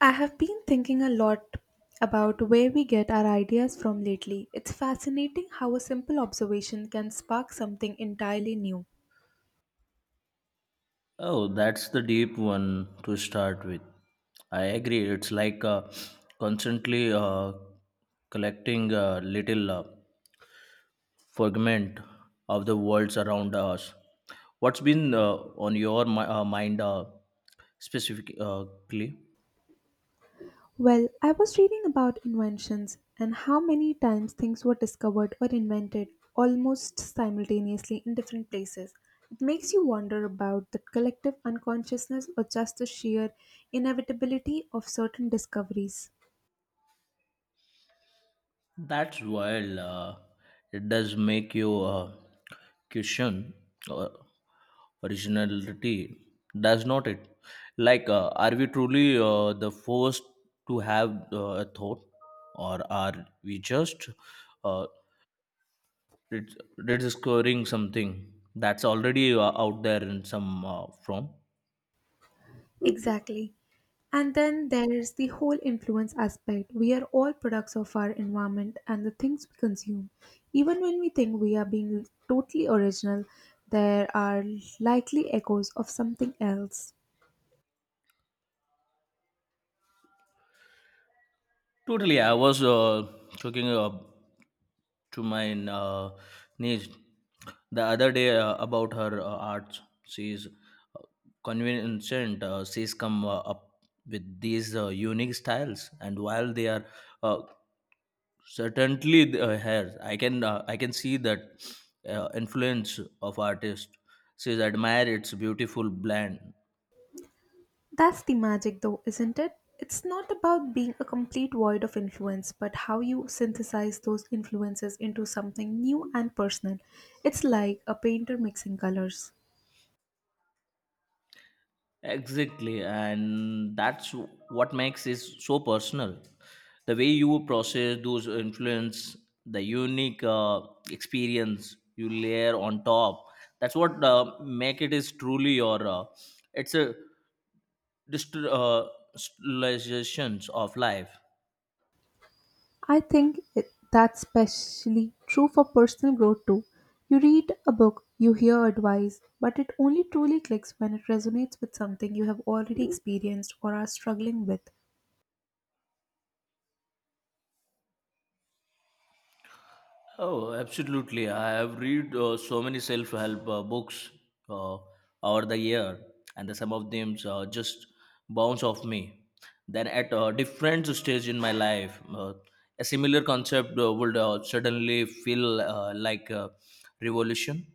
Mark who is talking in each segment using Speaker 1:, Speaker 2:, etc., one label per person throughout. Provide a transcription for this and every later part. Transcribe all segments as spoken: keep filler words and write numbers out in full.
Speaker 1: I have been thinking a lot about where we get our ideas from lately. It's fascinating how a simple observation can spark something entirely new.
Speaker 2: Oh, that's the deep one to start with. I agree. It's like uh, constantly uh, collecting a little uh, fragment of the worlds around us. What's been uh, on your mi- uh, mind uh, specifically?
Speaker 1: Well, I was reading about inventions and how many times things were discovered or invented almost simultaneously in different places. It makes you wonder about the collective unconsciousness or just the sheer inevitability of certain discoveries.
Speaker 2: That's wild. Uh, it does make you uh, question uh, originality, does not it? Like, uh, are we truly uh, the first to have uh, a thought, or are we just uh, rediscovering something that's already uh, out there in some uh, form?
Speaker 1: Exactly. And then there's the whole influence aspect. We are all products of our environment and the things we consume. Even when we think we are being totally original, there are likely echoes of something else.
Speaker 2: Totally, I was uh, talking uh, to my uh, niece the other day uh, about her uh, art. She's uh, convinced uh, she's come uh, up with these uh, unique styles, and while they are uh, certainly uh, hers, I can uh, I can see that uh, influence of artist. She's admired its beautiful blend.
Speaker 1: That's the magic, though, isn't it? It's not about being a complete void of influence, but how you synthesize those influences into something new and personal. It's like a painter mixing colors.
Speaker 2: Exactly, and that's what makes it so personal. The way you process those influence, the unique uh, experience you layer on top. That's what uh, make it is truly your. Uh, it's a distri- uh, stylizations of life.
Speaker 1: I think it- that's especially true for personal growth too. You read a book, you hear advice, but it only truly clicks when it resonates with something you have already experienced or are struggling with.
Speaker 2: Oh, absolutely. I have read uh, so many self-help uh, books uh, over the year, and the, some of them uh, just bounce off me. Then at a different stage in my life, uh, a similar concept uh, would uh, suddenly feel uh, like a revolution.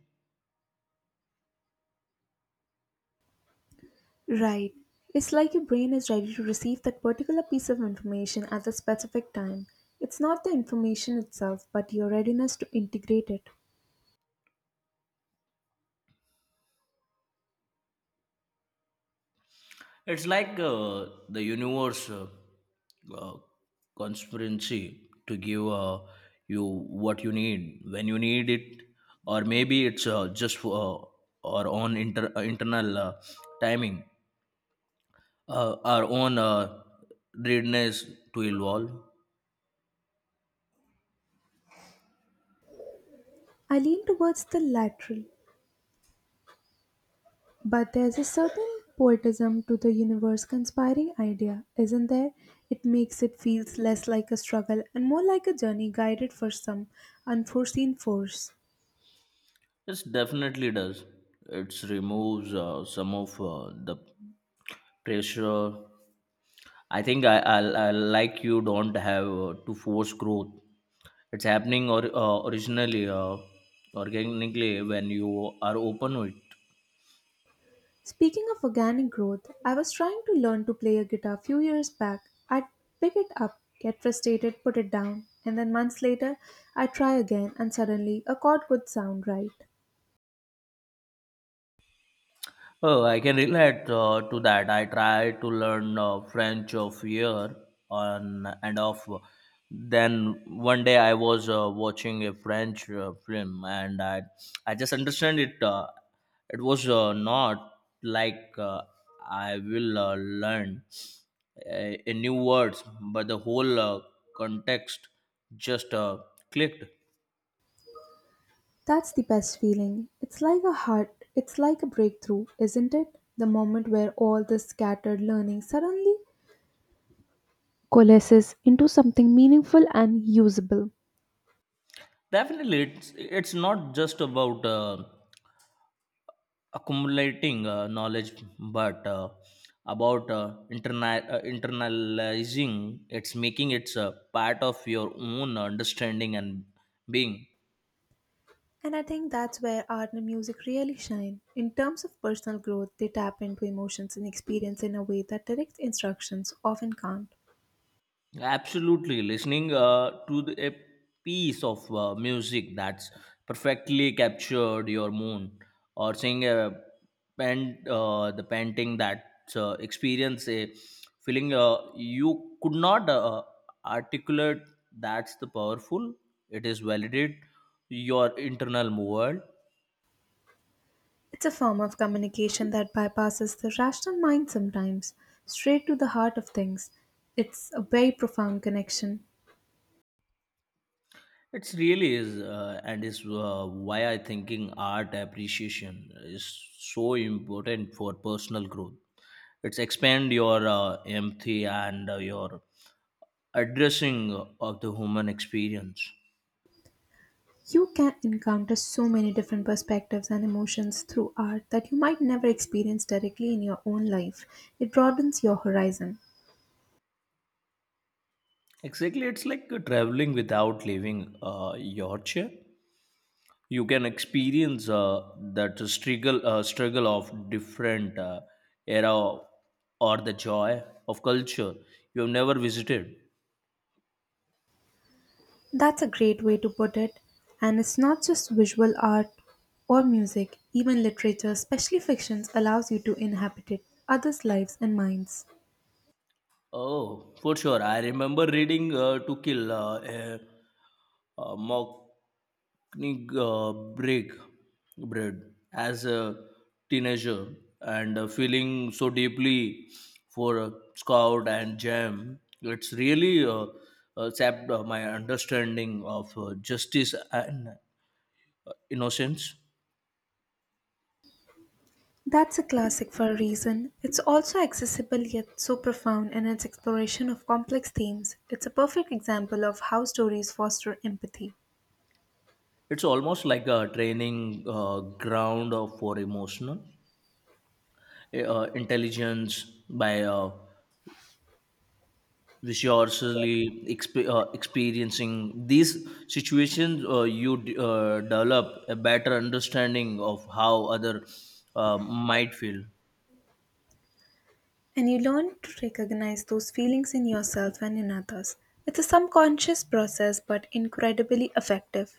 Speaker 1: Right. It's like your brain is ready to receive that particular piece of information at a specific time. It's not the information itself, but your readiness to integrate it.
Speaker 2: It's like uh, the universe uh, uh, conspiracy to give uh, you what you need when you need it, or maybe it's uh, just for uh, our own inter- uh, internal uh, timing, uh, our own uh, readiness to evolve.
Speaker 1: I lean towards the lateral, but there's a certain poetism to the universe conspiring idea, isn't there? It makes it feels less like a struggle and more like a journey guided for some unforeseen force.
Speaker 2: It definitely does. It removes uh, some of uh, the pressure. I think I, I, I like you don't have uh, to force growth it's happening or uh, originally uh, organically when you are open with.
Speaker 1: Speaking of organic growth, I was trying to learn to play a guitar a few years back. I'd pick it up, get frustrated, put it down, and then months later I'd try again and suddenly a chord would sound right.
Speaker 2: Oh, I can relate uh, to that. I tried to learn uh, French of year on and off, then one day I was uh, watching a French uh, film, and i i just understand it. Uh, it was uh, not like uh, I will uh, learn a, a new words, but the whole uh, context just uh, clicked.
Speaker 1: That's the best feeling. It's like a heart, it's like a breakthrough, isn't it? The moment where all this scattered learning suddenly coalesces into something meaningful and usable.
Speaker 2: Definitely, it's it's not just about uh, accumulating uh, knowledge, but uh, about uh, interna- uh, internalizing. It's making it's a part of your own understanding and being.
Speaker 1: And I think that's where art and music really shine. In terms of personal growth, they tap into emotions and experience in a way that direct instructions often can't.
Speaker 2: Absolutely. Listening uh, to the, a piece of uh, music that's perfectly captured your mood, or seeing a paint, uh, the painting that uh, experience a feeling uh, you could not uh, articulate, that's the powerful. It is validate your internal world.
Speaker 1: It's a form of communication that bypasses the rational mind sometimes, straight to the heart of things. It's a very profound connection.
Speaker 2: It's really is, uh, and is uh, why I thinking art appreciation is so important for personal growth. It's expand your uh, empathy and uh, your addressing of the human experience.
Speaker 1: You can encounter so many different perspectives and emotions through art that you might never experience directly in your own life. It broadens your horizon.
Speaker 2: Exactly, it's like uh, traveling without leaving uh, your chair. You can experience uh, that struggle, uh, struggle of different uh, era, or the joy of culture you have never visited.
Speaker 1: That's a great way to put it. And it's not just visual art or music, even literature, especially fictions, allows you to inhabit it, others' lives and minds.
Speaker 2: Oh, for sure. I remember reading uh, To Kill uh, a, a Mocking uh, Break Bread as a teenager, and uh, feeling so deeply for uh, Scout and Jam. It's really uh, uh, sapped uh, my understanding of uh, justice and uh, innocence.
Speaker 1: That's a classic for a reason. It's also accessible yet so profound in its exploration of complex themes. It's a perfect example of how stories foster empathy.
Speaker 2: It's almost like a training uh, ground of- for emotional uh, intelligence by uh, which you are surely exp- uh, experiencing these situations, uh, you d- uh, develop a better understanding of how other uh, might feel.
Speaker 1: And you learn to recognize those feelings in yourself and in others. It's a subconscious process but incredibly effective.